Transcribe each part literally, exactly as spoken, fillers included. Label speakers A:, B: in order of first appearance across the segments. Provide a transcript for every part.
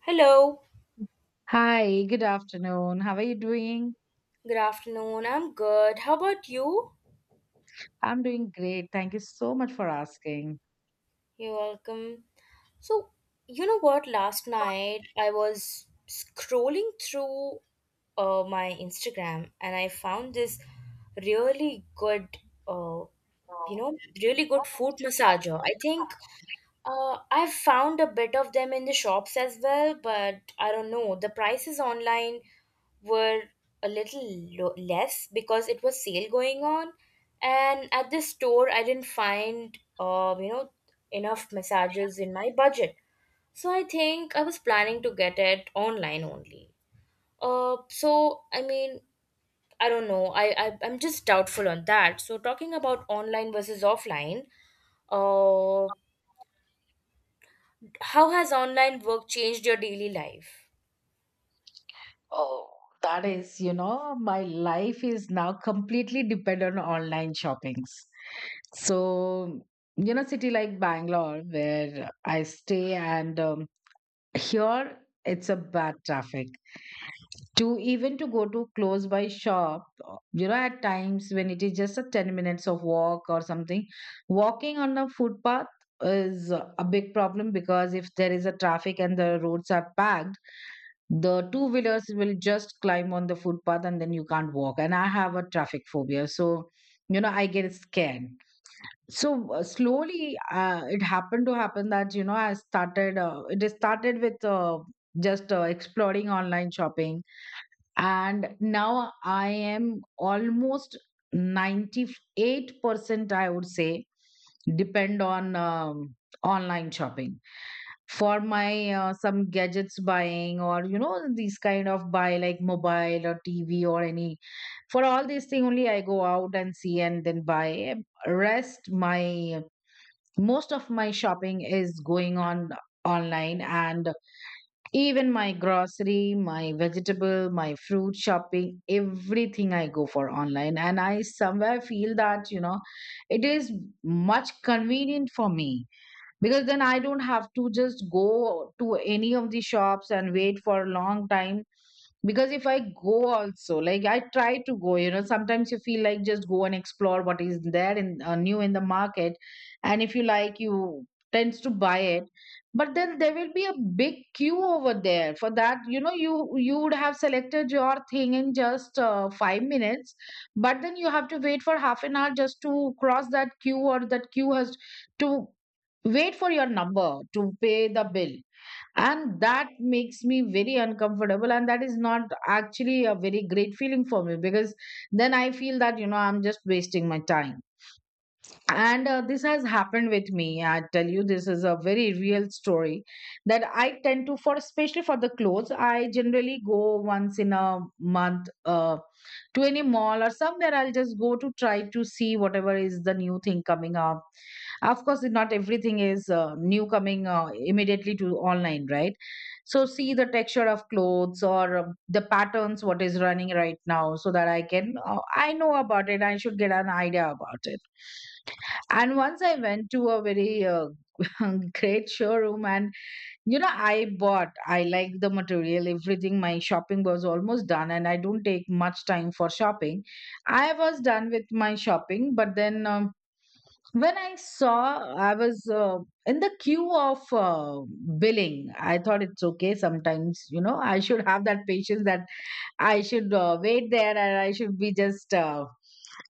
A: Hello,
B: Hi, good afternoon. How are you doing?
A: good afternoon. I'm good. How about you?
B: I'm doing great. Thank you so much for asking.
A: You're welcome. So, you know what? Last night I was scrolling through uh, my Instagram and I found this really good, uh, you know, really good foot massager. I think. Uh, I've found a bit of them in the shops as well, but I don't know. The prices online were a little lo- less because it was sale going on, and at the store I didn't find uh, you know enough massages in my budget. So I think I was planning to get it online only. Uh, so I mean, I don't know. I, I I'm just doubtful on that. So talking about online versus offline, uh, how has online work changed your daily life?
B: Oh, that is, you know, my life is now completely dependent on online shoppings. So, you know, city like Bangalore where I stay and um, here, it's a bad traffic. To even to go to close by shop, you know, at times when it is just a ten minutes of walk or something, walking on a footpath is a big problem because if there is a traffic and the roads are packed, the two wheelers will just climb on the footpath, and then you can't walk. And I have a traffic phobia. So, you know, I get scared. So uh, slowly, uh, it happened to happen that you know i started uh, it is started with uh, just uh, exploring online shopping. And now I am almost ninety-eight percent, I would say, depend on um, online shopping. For my uh, some gadgets buying, or you know, these kind of buy, like mobile or TV or any, for all these thing only I go out and see and then buy. Rest my, most of my shopping is going on online. And even my grocery, my vegetable, my fruit shopping, everything I go for online, and I somewhere feel that you know, it is much convenient for me, because then I don't have to just go to any of the shops and wait for a long time. Because if I go also, like I try to go, you know, sometimes you feel like just go and explore what is there in uh, new in the market, and if you like, you tends to buy it. But then there will be a big queue over there for that, you know. you you would have selected your thing in just uh, five minutes, but then you have to wait for half an hour just to cross that queue, or that queue has to wait for your number to pay the bill. And that makes me very uncomfortable, and that is not actually a very great feeling for me, because then I feel that you know, I'm just wasting my time. And uh, this has happened with me, I tell you. This is a very real story that I tend to, for especially for the clothes, I generally go once in a month uh, to any mall or somewhere. I'll just go to try to see whatever is the new thing coming up. Of course, not everything is uh, new coming uh, immediately to online, right? So see the texture of clothes, or uh, the patterns what is running right now, so that I can uh, I know about it. I should get an idea about it. And once I went to a very uh, great showroom, and you know, I bought, I like the material, everything. My shopping was almost done, and I don't take much time for shopping. I was done with my shopping, but then um, when I saw, I was uh, in the queue of uh, billing. I thought it's okay sometimes, you know, I should have that patience that I should uh, wait there, and I should be just uh,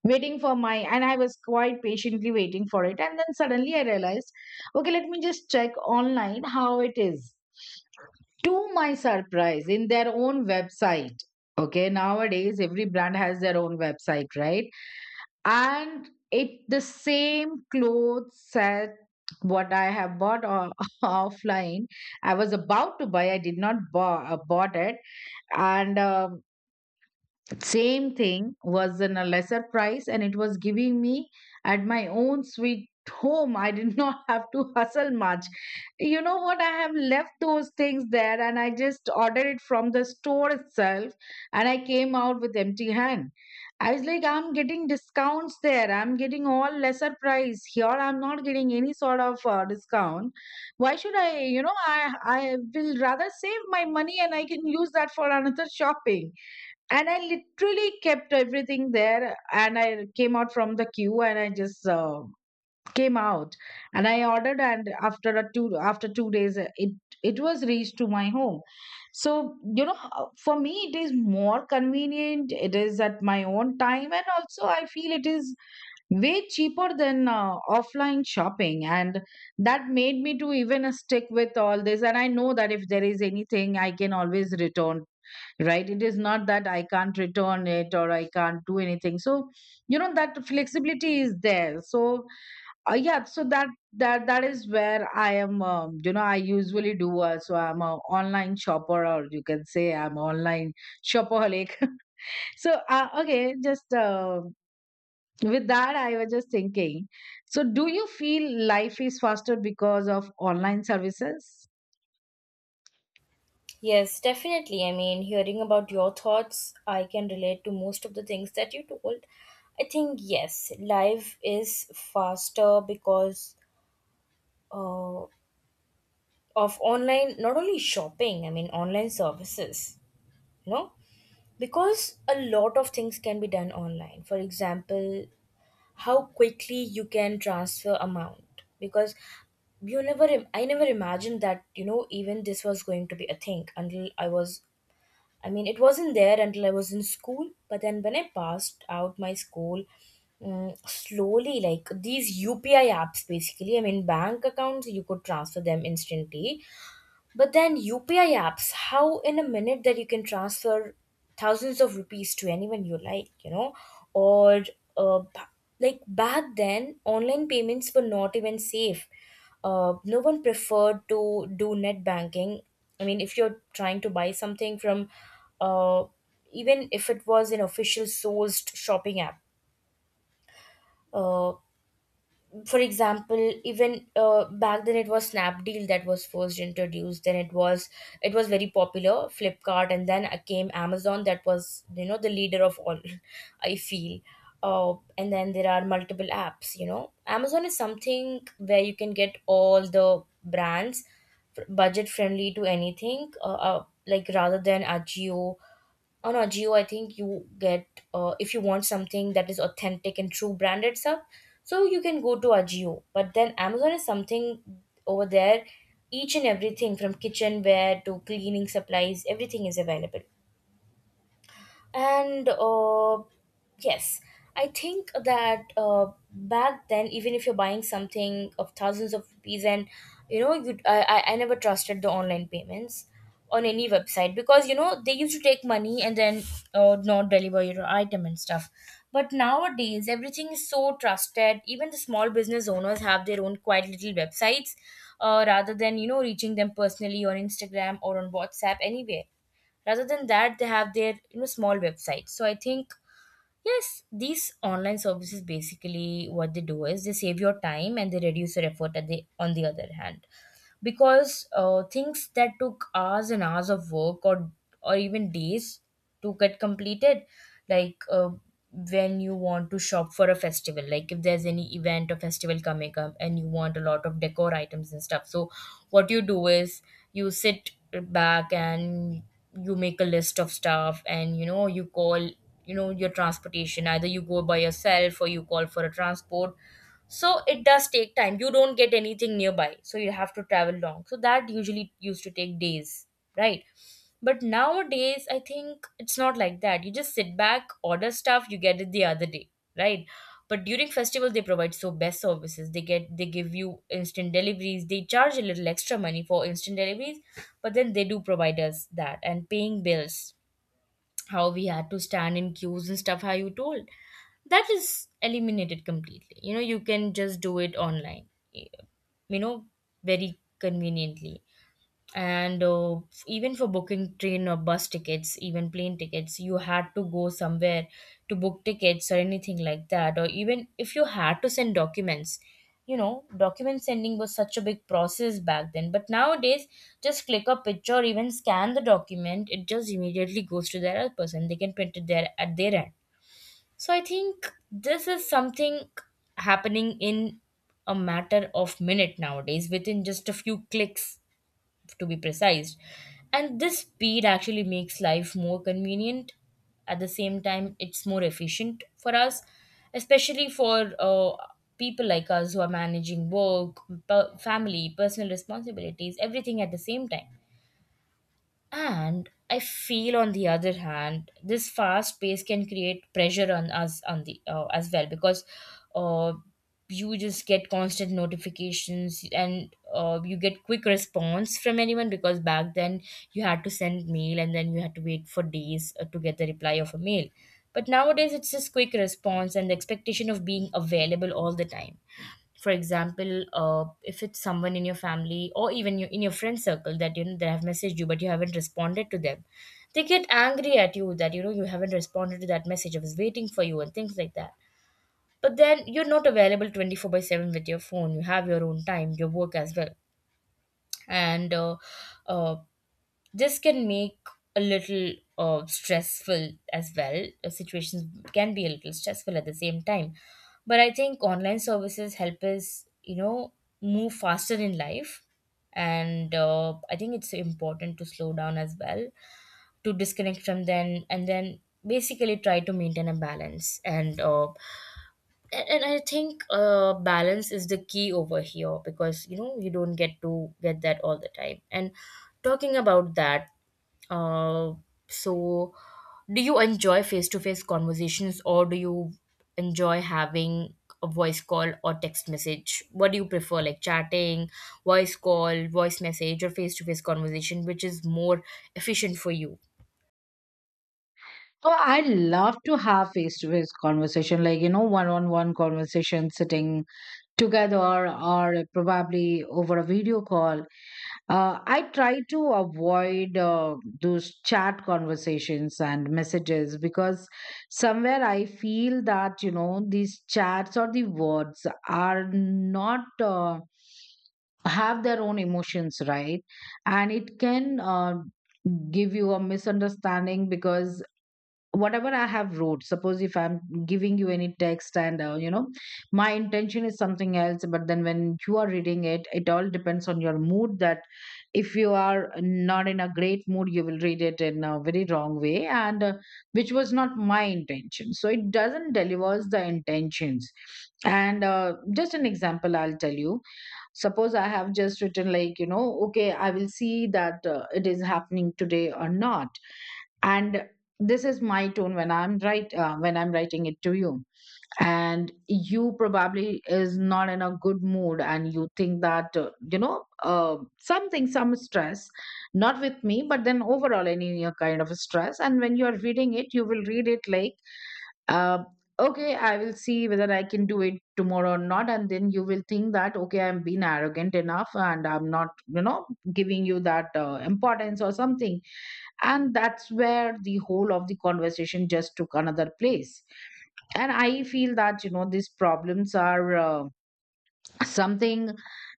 B: waiting for my. And I was quite patiently waiting for it. And then suddenly I realized, okay, let me just check online how it is. To my surprise, in their own website. Okay, nowadays every brand has their own website, right? And it the same clothes set what I have bought uh, offline. I was about to buy. I did not buy, uh, bought it, and um, same thing was in a lesser price, and it was giving me at my own sweet home. I did not have to hustle much. You know what, I have left those things there, and I just ordered it from the store itself, and I came out with empty hand. I was like, I'm getting discounts there, I'm getting all lesser price. Here I'm not getting any sort of uh, discount. Why should I, you know, i i will rather save my money, and I can use that for another shopping. And I literally kept everything there. And I came out from the queue, and I just uh, came out, and I ordered. And after a two, after two days, uh, it, it was reached to my home. So you know, uh, for me, it is more convenient. It is at my own time, and also I feel it is way cheaper than uh, offline shopping. And that made me to even uh, stick with all this. And I know that if there is anything, I can always return, right? It is not that I can't return it or I can't do anything. So you know, that flexibility is there. So uh, yeah, so that, that that is where I am, um, you know, I usually do. Uh, so I'm a online shopper, or you can say I'm online shopaholic. So uh, okay, just uh, with that, I was just thinking, so do you feel life is faster because of online services?
A: Yes, definitely. I mean, hearing about your thoughts, I can relate to most of the things that you told. I think, yes, life is faster because uh, of online, not only shopping. I mean, online services, you know, because a lot of things can be done online. For example, how quickly you can transfer amount, because you never im- I never imagined that you know even this was going to be a thing until i was i mean it wasn't there until I was in school. But then when I passed out my school, mm, slowly, like these UPI apps, basically I mean bank accounts, you could transfer them instantly. But then U P I apps, how in a minute that you can transfer thousands of rupees to anyone you like, you know? Or uh, b- like back then, online payments were not even safe. Uh, no one preferred to do net banking. I mean, if you're trying to buy something from, uh, even if it was an official sourced shopping app, uh, for example, even uh, back then it was Snapdeal that was first introduced. Then it was it was very popular, Flipkart. And then came Amazon that was, you know the leader of all, I feel. Uh, and then there are multiple apps. you know Amazon is something where you can get all the brands, budget friendly to anything, uh, uh, like, rather than Ajio. On Ajio, I think you get, uh, if you want something that is authentic and true branded stuff, so you can go to Ajio. But then Amazon is something, over there each and everything from kitchenware to cleaning supplies, everything is available. And uh, yes, I think that uh, back then, even if you're buying something of thousands of rupees, and you know you I, I I never trusted the online payments on any website, because you know they used to take money and then uh, not deliver your item and stuff. But nowadays, everything is so trusted, even the small business owners have their own quiet little websites, uh, rather than you know reaching them personally on Instagram or on WhatsApp anywhere. Rather than that, they have their, you know small websites. So I think, yes, these online services, basically what they do is they save your time and they reduce your effort at the, on the other hand. Because uh, things that took hours and hours of work, or or even days to get completed, like uh, when you want to shop for a festival, like if there's any event or festival coming up, and you want a lot of decor items and stuff. So what you do is you sit back, and you make a list of stuff, and you know you call, you know your transportation. Either you go by yourself or you call for a transport. So it does take time. You don't get anything nearby, so you have to travel long. So that usually used to take days, right? But nowadays, I think it's not like that. You just sit back, order stuff, you get it the other day, right? But during festivals, they provide so best services. They get they give you instant deliveries. They charge a little extra money for instant deliveries, but then they do provide us that. And paying bills, how we had to stand in queues and stuff, how you told, that is eliminated completely. You know, you can just do it online, you know very conveniently. And uh, f- even for booking train or bus tickets, even plane tickets, you had to go somewhere to book tickets or anything like that, or even if you had to send documents. You know document sending was such a big process back then. But nowadays, just click a picture or even scan the document, it just immediately goes to the other person, they can print it there at their end. So I think this is something happening in a matter of minute nowadays, within just a few clicks, to be precise. And this speed actually makes life more convenient. At the same time, it's more efficient for us, especially for uh, people like us who are managing work, per- family, personal responsibilities, everything at the same time. And I feel, on the other hand, this fast pace can create pressure on us on the uh, as well, because uh, you just get constant notifications, and uh, you get quick response from anyone. Because back then you had to send mail, and then you had to wait for days uh, to get the reply of a mail. But nowadays it's just quick response and the expectation of being available all the time. For example, uh, if it's someone in your family or even you, in your friend circle, that you know they have messaged you but you haven't responded to them, they get angry at you that, you know you haven't responded to that message. I was waiting for you, and things like that. But then you're not available twenty four by seven with your phone. You have your own time, your work as well. And uh, uh, this can make a little uh, stressful as well. Uh, situations can be a little stressful at the same time. But I think online services help us, you know move faster in life. And uh, I think it's important to slow down as well, to disconnect from them, and then basically try to maintain a balance. And uh, and, and I think uh, balance is the key over here. Because you know you don't get to get that all the time. And talking about that, uh, so, do you enjoy face to face conversations, or do you enjoy having a voice call or text message? What do you prefer, like chatting, voice call, voice message, or face to face conversation? Which is more efficient for you?
B: Oh, I love to have face to face conversation, like you know, one on one conversation, sitting together, or probably over a video call. Uh, I try to avoid uh, those chat conversations and messages, because somewhere I feel that you know, these chats or the words are not. Uh, have their own emotions, right? And it can uh, give you a misunderstanding, because whatever I have wrote, suppose if I'm giving you any text and uh, you know, my intention is something else, but then when you are reading it, it all depends on your mood. That if you are not in a great mood, you will read it in a very wrong way, and uh, which was not my intention, so it doesn't delivers the intentions. And uh, just an example I'll tell you. Suppose I have just written like, you know, okay, I will see that uh, it is happening today or not. And this is my tone when I'm right, uh, when I'm writing it to you. And you probably is not in a good mood, and you think that uh, you know, uh, something, some stress, not with me, but then overall any uh, kind of stress. And when you are reading it, you will read it like, um, okay, I will see whether I can do it tomorrow or not. And then you will think that, okay, I'm being arrogant enough, and I'm not, you know, giving you that uh, importance or something. And that's where the whole of the conversation just took another place. And I feel that, you know, these problems are uh, something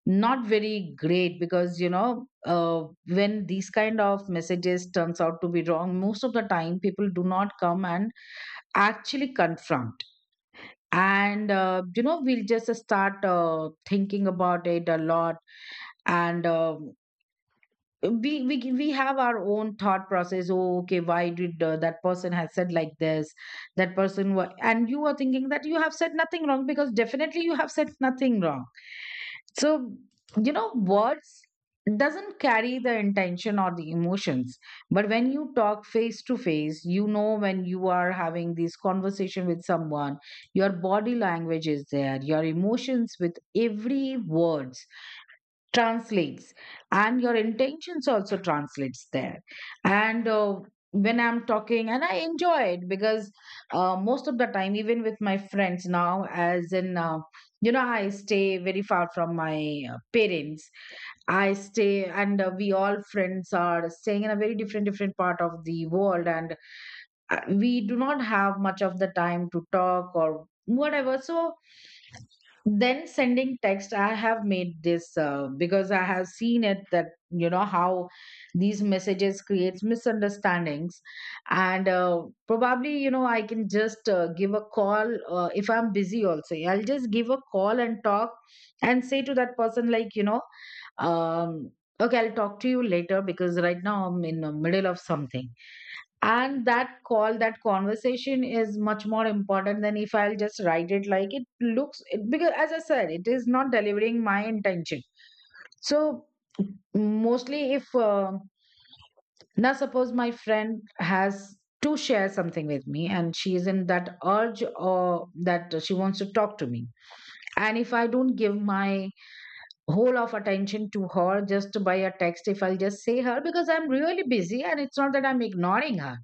B: not very great, because, you know, uh, when these kind of messages turns out to be wrong, most of the time people do not come and actually confront. And uh, you know, we'll just start uh, thinking about it a lot. And uh, we we can- we have our own thought process. Oh, okay, why did uh, that person has said like this? That person wa- and you are thinking that you have said nothing wrong, because definitely you have said nothing wrong. So you know, words doesn't carry the intention or the emotions. But when you talk face to face, you know, when you are having this conversation with someone, your body language is there, your emotions with every word translates, and your intentions also translates there. And uh, when I'm talking, and I enjoy it, because uh, most of the time, even with my friends now, as in uh, you know, I stay very far from my uh, parents, I stay, and uh, we all friends are staying in a very different different part of the world. And uh, we do not have much of the time to talk or whatever. So then sending text, I have made this uh, because I have seen it, that you know how these messages creates misunderstandings. And uh, probably you know, I can just uh, give a call. Uh, if I'm busy also, I'll just give a call and talk, and say to that person like, you know, um okay, I'll talk to you later because right now I'm in the middle of something. And that call, that conversation, is much more important than if I'll just write it like it looks it, because as I said, it is not delivering my intention. So mostly if uh, now suppose my friend has to share something with me, and she is in that urge, or that she wants to talk to me, and if I don't give my whole of attention to her just by a text, if I'll just say her because I'm really busy, and it's not that I'm ignoring her,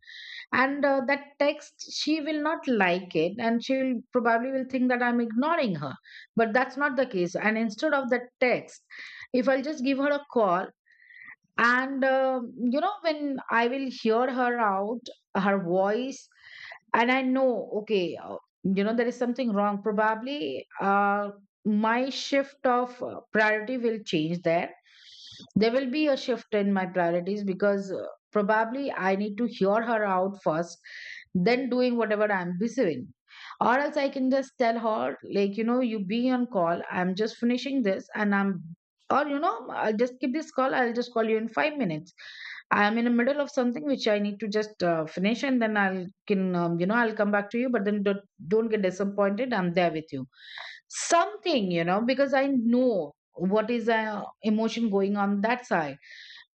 B: and uh, that text she will not like it, and she will probably will think that I'm ignoring her. But That's not the case, and instead of that text, if I'll just give her a call and um you know, when I will hear her out, her voice, and I know, okay, uh, you know, there is something wrong probably. uh, my shift of uh, priority will change there there will be a shift in my priorities because uh, probably I need to hear her out first, then doing whatever I'm busy with. Or else I can just tell her, like, you know, you be on call, I'm just finishing this, and I'm, or you know, I'll just keep this call, I'll just call you in five minutes. I'm in the middle of something which I need to just uh, finish, and then I'll can um, you know, I'll come back to you. But then don't, don't get disappointed, I'm there with you something, you know, because I know what is uh, emotion going on that side.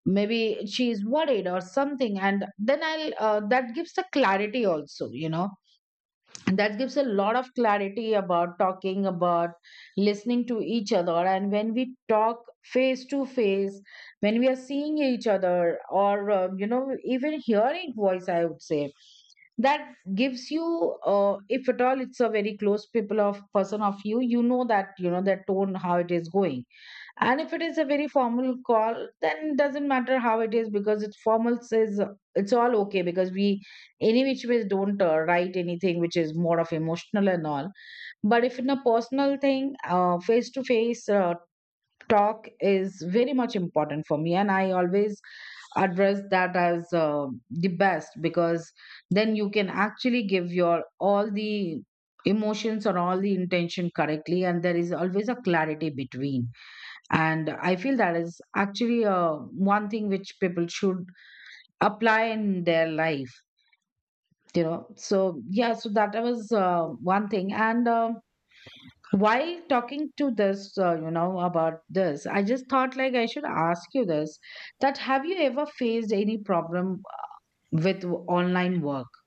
B: Maybe she is worried or something. And then I'll uh, that gives the clarity also, you know. And that gives a lot of clarity about talking, about listening to each other. And when we talk face to face, when we are seeing each other, or, um, you know, even hearing voice, I would say, that gives you, uh, if at all it's a very close people of person of you, you know that, you know, that tone, how it is going. And if it is a very formal call, then it doesn't matter how it is, because it's formal, says it's all okay, because we any which ways don't uh, write anything which is more of emotional and all. But if in a personal thing, face to face talk is very much important for me, and I always address that as uh, the best, because then you can actually give your all the emotions or all the intention correctly, and there is always a clarity between. And I feel that is actually uh, one thing which people should apply in their life, you know. So yeah, so that was uh, one thing. And um while talking to this uh, you know, about this, I just thought like I should ask you this, that have you ever faced any problem with online work?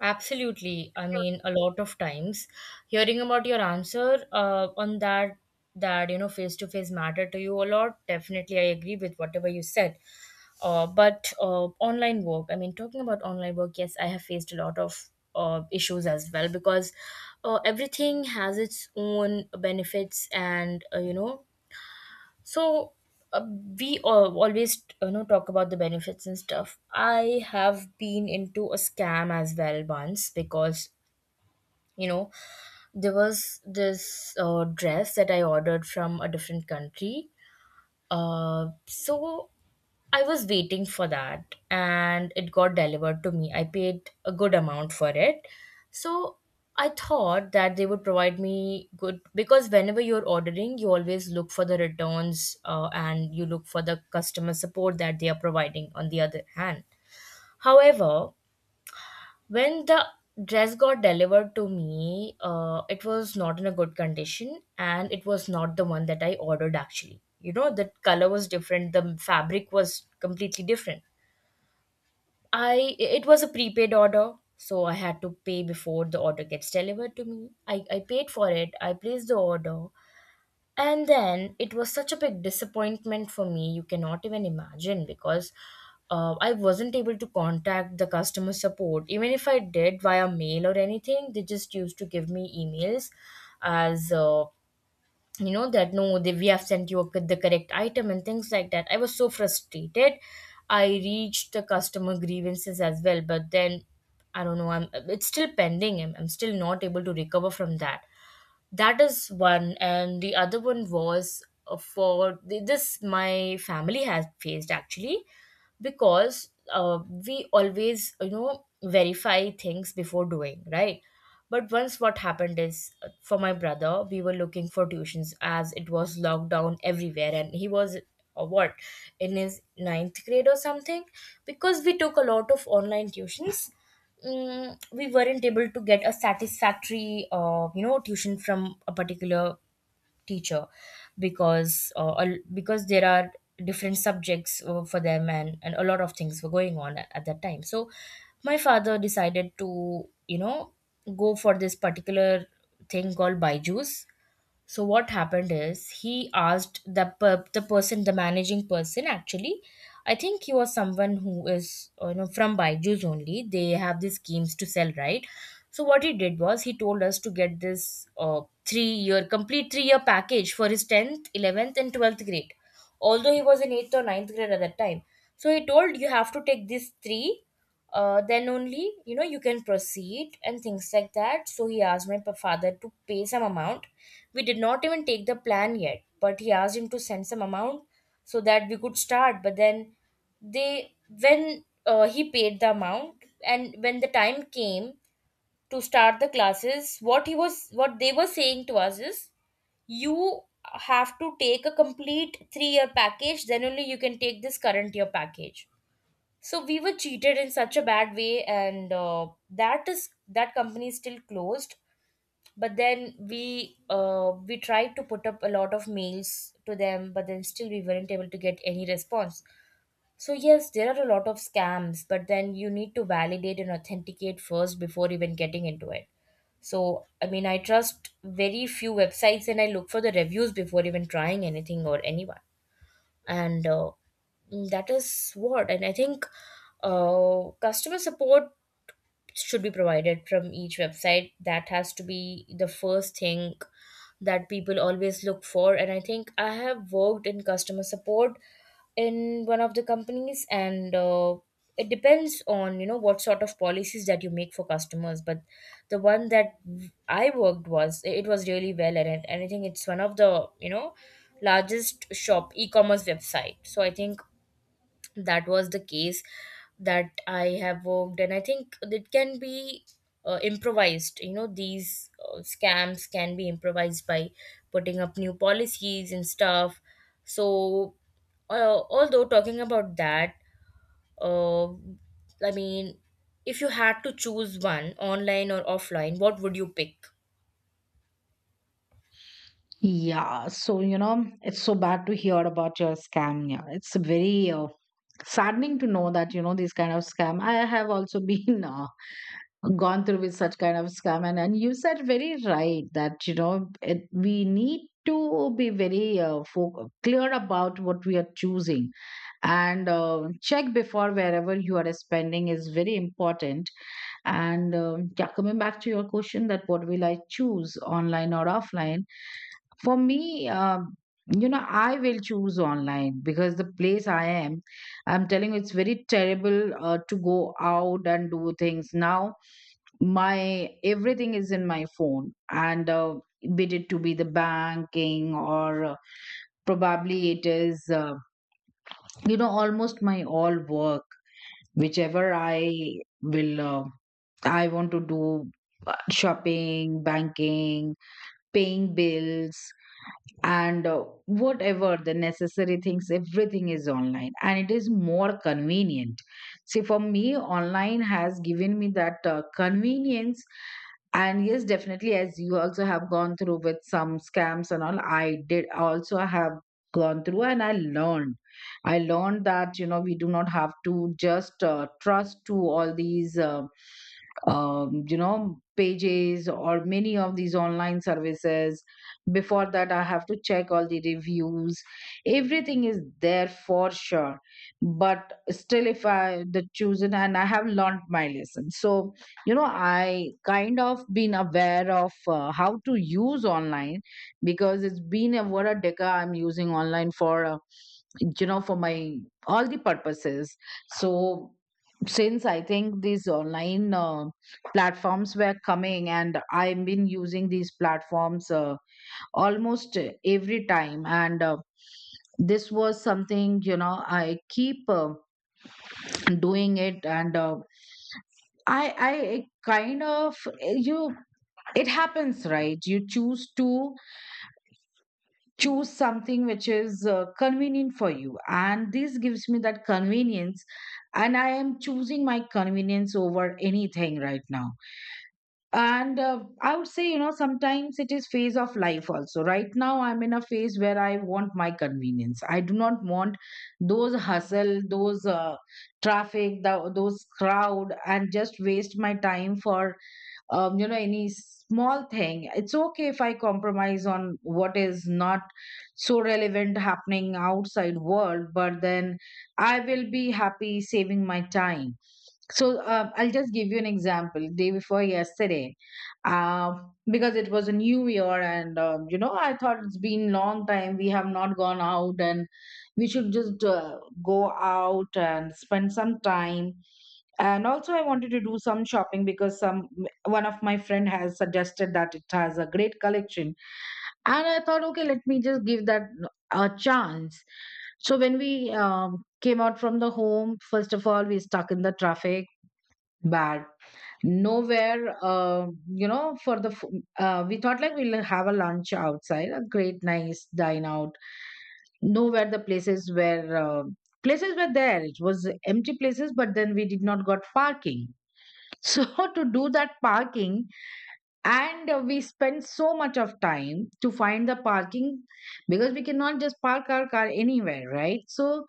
A: Absolutely. I mean, a lot of times, hearing about your answer uh, on that, that, you know, face to face matter to you a lot. Definitely, I agree with whatever you said. Uh, but uh, online work, I mean, talking about online work, yes, I have faced a lot of uh, issues as well. Because uh, everything has its own benefits and, uh, you know, so uh, we al- always you know talk about the benefits and stuff. I have been into a scam as well once. Because you know there was this uh, dress that I ordered from a different country. Uh, so I was waiting for that, and it got delivered to me. I paid a good amount for it. So I thought that they would provide me good, because whenever you're ordering, you always look for the returns uh, and you look for the customer support that they are providing on the other hand. However, when the dress got delivered to me, uh, it was not in a good condition, and it was not the one that I ordered actually. You know, the color was different, the fabric was completely different. I It was a prepaid order, so I had to pay before the order gets delivered to me. I, I paid for it, I placed the order, and then it was such a big disappointment for me. You cannot even imagine, because uh, I wasn't able to contact the customer support. Even if I did via mail or anything, they just used to give me emails as, uh, you know that no, they, we have sent you the correct item and things like that. I was so frustrated, I reached the customer grievances as well, but then I don't know. I'm It's still pending. I'm, I'm still not able to recover from that. That is one, and the other one was, uh, for this my family has faced actually. Because uh, we always you know verify things before doing, right? But once what happened is, uh, for my brother, we were looking for tuitions, as it was locked down everywhere, and he was, uh, what, in his ninth grade or something, because we took a lot of online tuitions. Mm, we weren't able to get a satisfactory, uh, you know, tuition from a particular teacher because uh, al- because there are different subjects uh, for them, and, and a lot of things were going on at, at that time. So my father decided to, you know, go for this particular thing called Baiju's. So what happened is he asked the per- the person, the managing person actually. I think he was someone who is, uh, you know from Byju's only. They have these schemes to sell, right? So what he did was he told us to get this uh, three year complete three year package for his tenth, eleventh, and twelfth grade. Although he was in eighth or ninth grade at that time, so he told you have to take these three uh, then only, you know, you can proceed and things like that. So he asked my pa- father to pay some amount. We did not even take the plan yet, but he asked him to send some amount so that we could start. But then they, when uh, he paid the amount and when the time came to start the classes, what he was what they were saying to us is you have to take a complete three year package, then only you can take this current year package. So we were cheated in such a bad way, and uh, that is, that company is still closed. But then we uh, we tried to put up a lot of mails to them, but then still we weren't able to get any response. So yes, there are a lot of scams, but then you need to validate and authenticate first before even getting into it. So I mean, I trust very few websites and I look for the reviews before even trying anything or anyone. And uh, that is what. And I think uh, customer support should be provided from each website. That has to be the first thing that people always look for. And I think I have worked in customer support in one of the companies, and uh, it depends on, you know, what sort of policies that you make for customers. But the one that I worked was, it was really well, and it- and I think it's one of the, you know, largest shop e-commerce website. So I think that was the case that I have worked. And I think it can be uh, improvised, you know. These uh, scams can be improvised by putting up new policies and stuff. So uh, although, talking about that, uh, I mean, if you had to choose one, online or offline, what would you pick?
B: Yeah, so you know, it's so bad to hear about your scam. Yeah, it's very uh, saddening to know that, you know, these kind of scam. I have also been uh, gone through with such kind of scam. And, and you said very right that, you know, it, we need to be very uh, fo- clear about what we are choosing. And uh, check before, wherever you are spending, is very important. And um yeah, coming back to your question, that what will I choose, online or offline? For me, um, you know, I will choose online because the place I am, I'm telling you, it's very terrible uh, to go out and do things now. My everything is in my phone, and uh, be it to be the banking, or uh, probably it is, uh, you know, almost my all work, whichever I will uh, I want to do, uh, shopping, banking, paying bills, and uh, whatever the necessary things, everything is online, and it is more convenient. See, for me, online has given me that uh, convenience. And yes, definitely, as you also have gone through with some scams and all, I did also have gone through, and I learned. I learned that, you know, we do not have to just uh, trust to all these, uh, um, you know, pages or many of these online services. Before that, I have to check all the reviews. Everything is there for sure. But still, if I the chosen, and I have learned my lesson. So, you know, I kind of been aware of uh, how to use online, because it's been over a decade I'm using online for uh, you know, for my all the purposes. So since, I think, these online uh, platforms were coming, and I've been using these platforms uh, almost every time. And uh, this was something, you know, I keep uh, doing it. And uh, I, I kind of, eh, you, it happens, right? You choose to choose something which is uh, convenient for you, and this gives me that convenience. And I am choosing my convenience over anything right now. And uh, I would say, you know, sometimes it is phase of life also. Right now I'm in a phase where I want my convenience. I do not want those hustle, those uh, traffic, the, those crowd, and just waste my time for um, you know, any small thing. It's okay if I compromise on what is not so relevant happening outside world, but then I will be happy saving my time. So uh, I'll just give you an example. Day before yesterday, um, because it was a new year, and um, you know, I thought it's been long time we have not gone out, and we should just uh, go out and spend some time. And also I wanted to do some shopping, because some, one of my friend has suggested that it has a great collection, and I thought, okay, let me just give that a chance. So when we um, came out from the home, first of all, we stuck in the traffic, bad. Nowhere uh, you know, for the f- uh, we thought like we'll have a lunch outside, a great, nice dine out. Nowhere, the places were uh, places were there, it was empty places, but then we did not got parking. So to do that parking, and uh, we spend so much of time to find the parking, because we cannot just park our car anywhere, right? So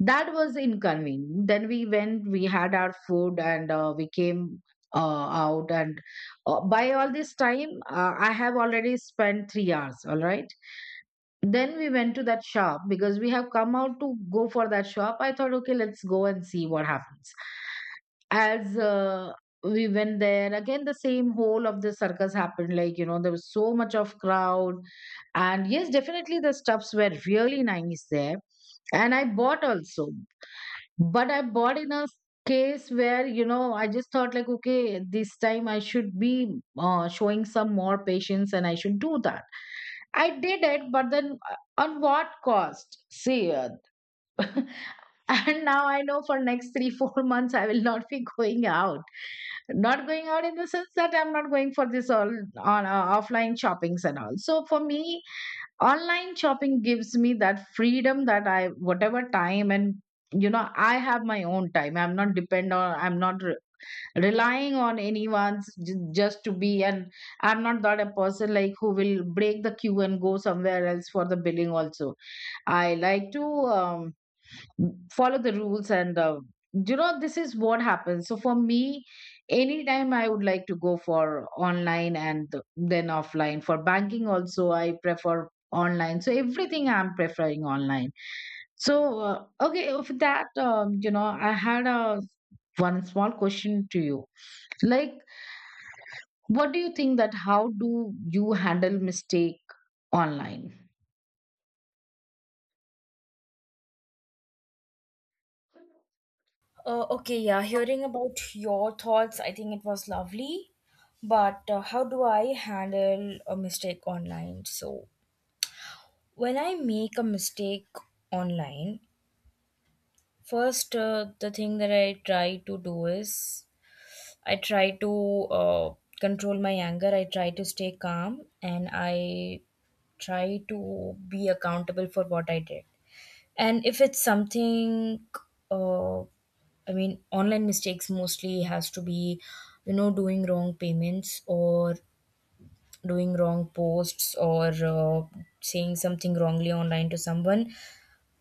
B: that was inconvenient. Then we went, we had our food, and uh, we came uh, out. And uh, by all this time, uh, I have already spent three hours. All right. Then we went to that shop, because we have come out to go for that shop. I thought, okay, let's go and see what happens. As uh, we went there, again the same whole of the circus happened, like, you know, there was so much of crowd. And yes, definitely the stuffs were really nice there, and I bought also. But I bought in a case where, you know, I just thought like, okay, this time I should be uh, showing some more patience, and I should do that. I did it, but then uh, on what cost, see, uh, and now I know for next three four months I will not be going out. Not going out in the sense that I'm not going for this all on uh, offline shoppings and all. So for me, online shopping gives me that freedom that I, whatever time, and you know, I have my own time, I'm not depend on, I'm not re- relying on anyone's j- just to be. And I'm not that a person like who will break the queue and go somewhere else for the billing also. I like to um, follow the rules and uh, you know, this is what happens. So for me, anytime I would like to go for online, and then offline, for banking also I prefer online. So everything I'm preferring online. So uh, okay, of that, um, you know, I had a one small question to you, like, what do you think that how do you handle mistake online?
A: Uh, okay, yeah, hearing about your thoughts, I think it was lovely. But uh, how do I handle a mistake online? So, when I make a mistake online, first, uh, the thing that I try to do is I try to uh, control my anger, I try to stay calm, and I try to be accountable for what I did. And if it's something uh, I mean, online mistakes mostly has to be, you know, doing wrong payments or doing wrong posts, or uh, saying something wrongly online to someone.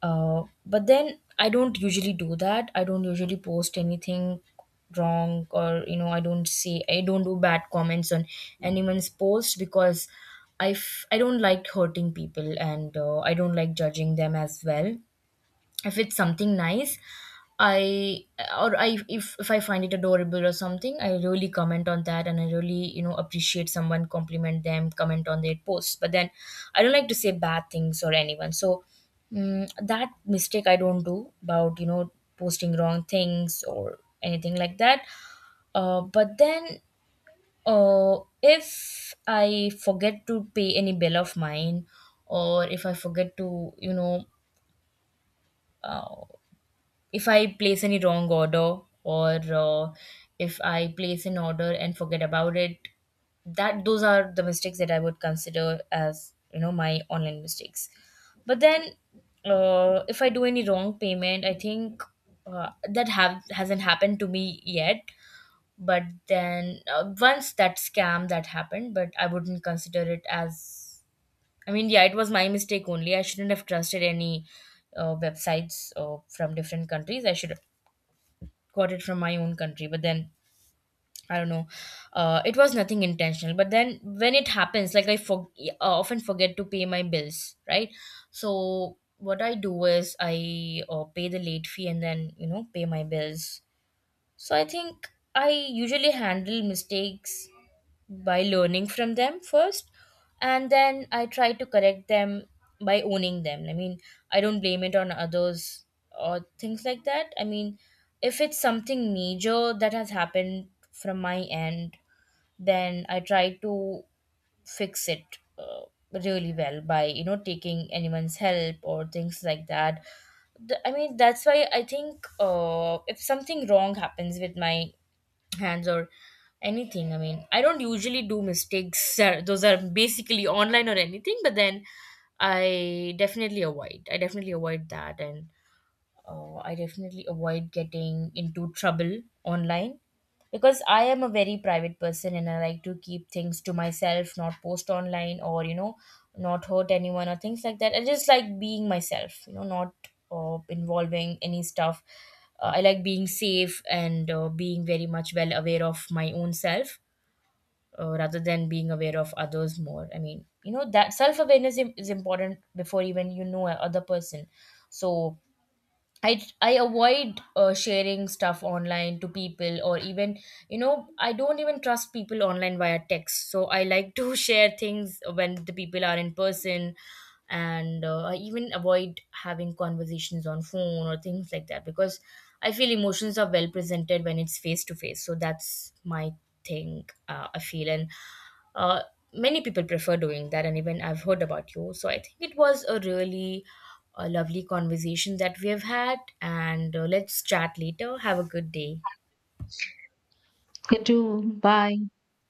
A: uh, But then I don't usually do that. I don't usually post anything wrong, or you know, I don't say, I don't do bad comments on anyone's post, because I f- I don't like hurting people, and uh, I don't like judging them as well. If it's something nice, I, or I if if I find it adorable or something, I really comment on that, and I really, you know, appreciate someone, compliment them, comment on their posts. But then I don't like to say bad things or anyone. So mm, that mistake I don't do, about, you know, posting wrong things or anything like that. Uh, but then uh, if I forget to pay any bill of mine, or if I forget to, you know, if I place any wrong order, or uh, if I place an order and forget about it, that, those are the mistakes that I would consider as, you know, my online mistakes. But then, uh, if I do any wrong payment, I think uh, that have hasn't happened to me yet. But then uh, once, that scam that happened, but I wouldn't consider it as. I mean, yeah, it was my mistake only. I shouldn't have trusted any uh, websites uh, from different countries. I should got it from my own country, but then I don't know. Uh, it was nothing intentional, but then when it happens, like i for- uh, often forget to pay my bills, right? So what I do is I uh, pay the late fee, and then, you know, pay my bills. So I think I usually handle mistakes by learning from them first, and then I try to correct them by owning them. I mean, I don't blame it on others or things like that. I mean, if it's something major that has happened from my end, then I try to fix it uh, really well by, you know, taking anyone's help or things like that. Th- I mean, that's why I think uh, if something wrong happens with my hands or anything. I mean, I don't usually do mistakes. uh, Those are basically online or anything, but then I definitely avoid. I definitely avoid that. And oh, I definitely avoid getting into trouble online, because I am a very private person, and I like to keep things to myself, not post online, or you know, not hurt anyone or things like that. I just like being myself, you know, not uh, involving any stuff. Uh, I like being safe and uh, being very much well aware of my own self, uh, rather than being aware of others more. I mean, you know, that self awareness is important before even, you know, a other person. So I I avoid uh, sharing stuff online to people, or even, you know, I don't even trust people online via text. So I like to share things when the people are in person, and uh, I even avoid having conversations on phone or things like that, because I feel emotions are well presented when it's face to face. So that's my thing. Uh, I feel, and uh, many people prefer doing that. And even I've heard about you. So I think it was a really uh, lovely conversation that we have had. And uh, let's chat later. Have a good day.
B: You too. Bye.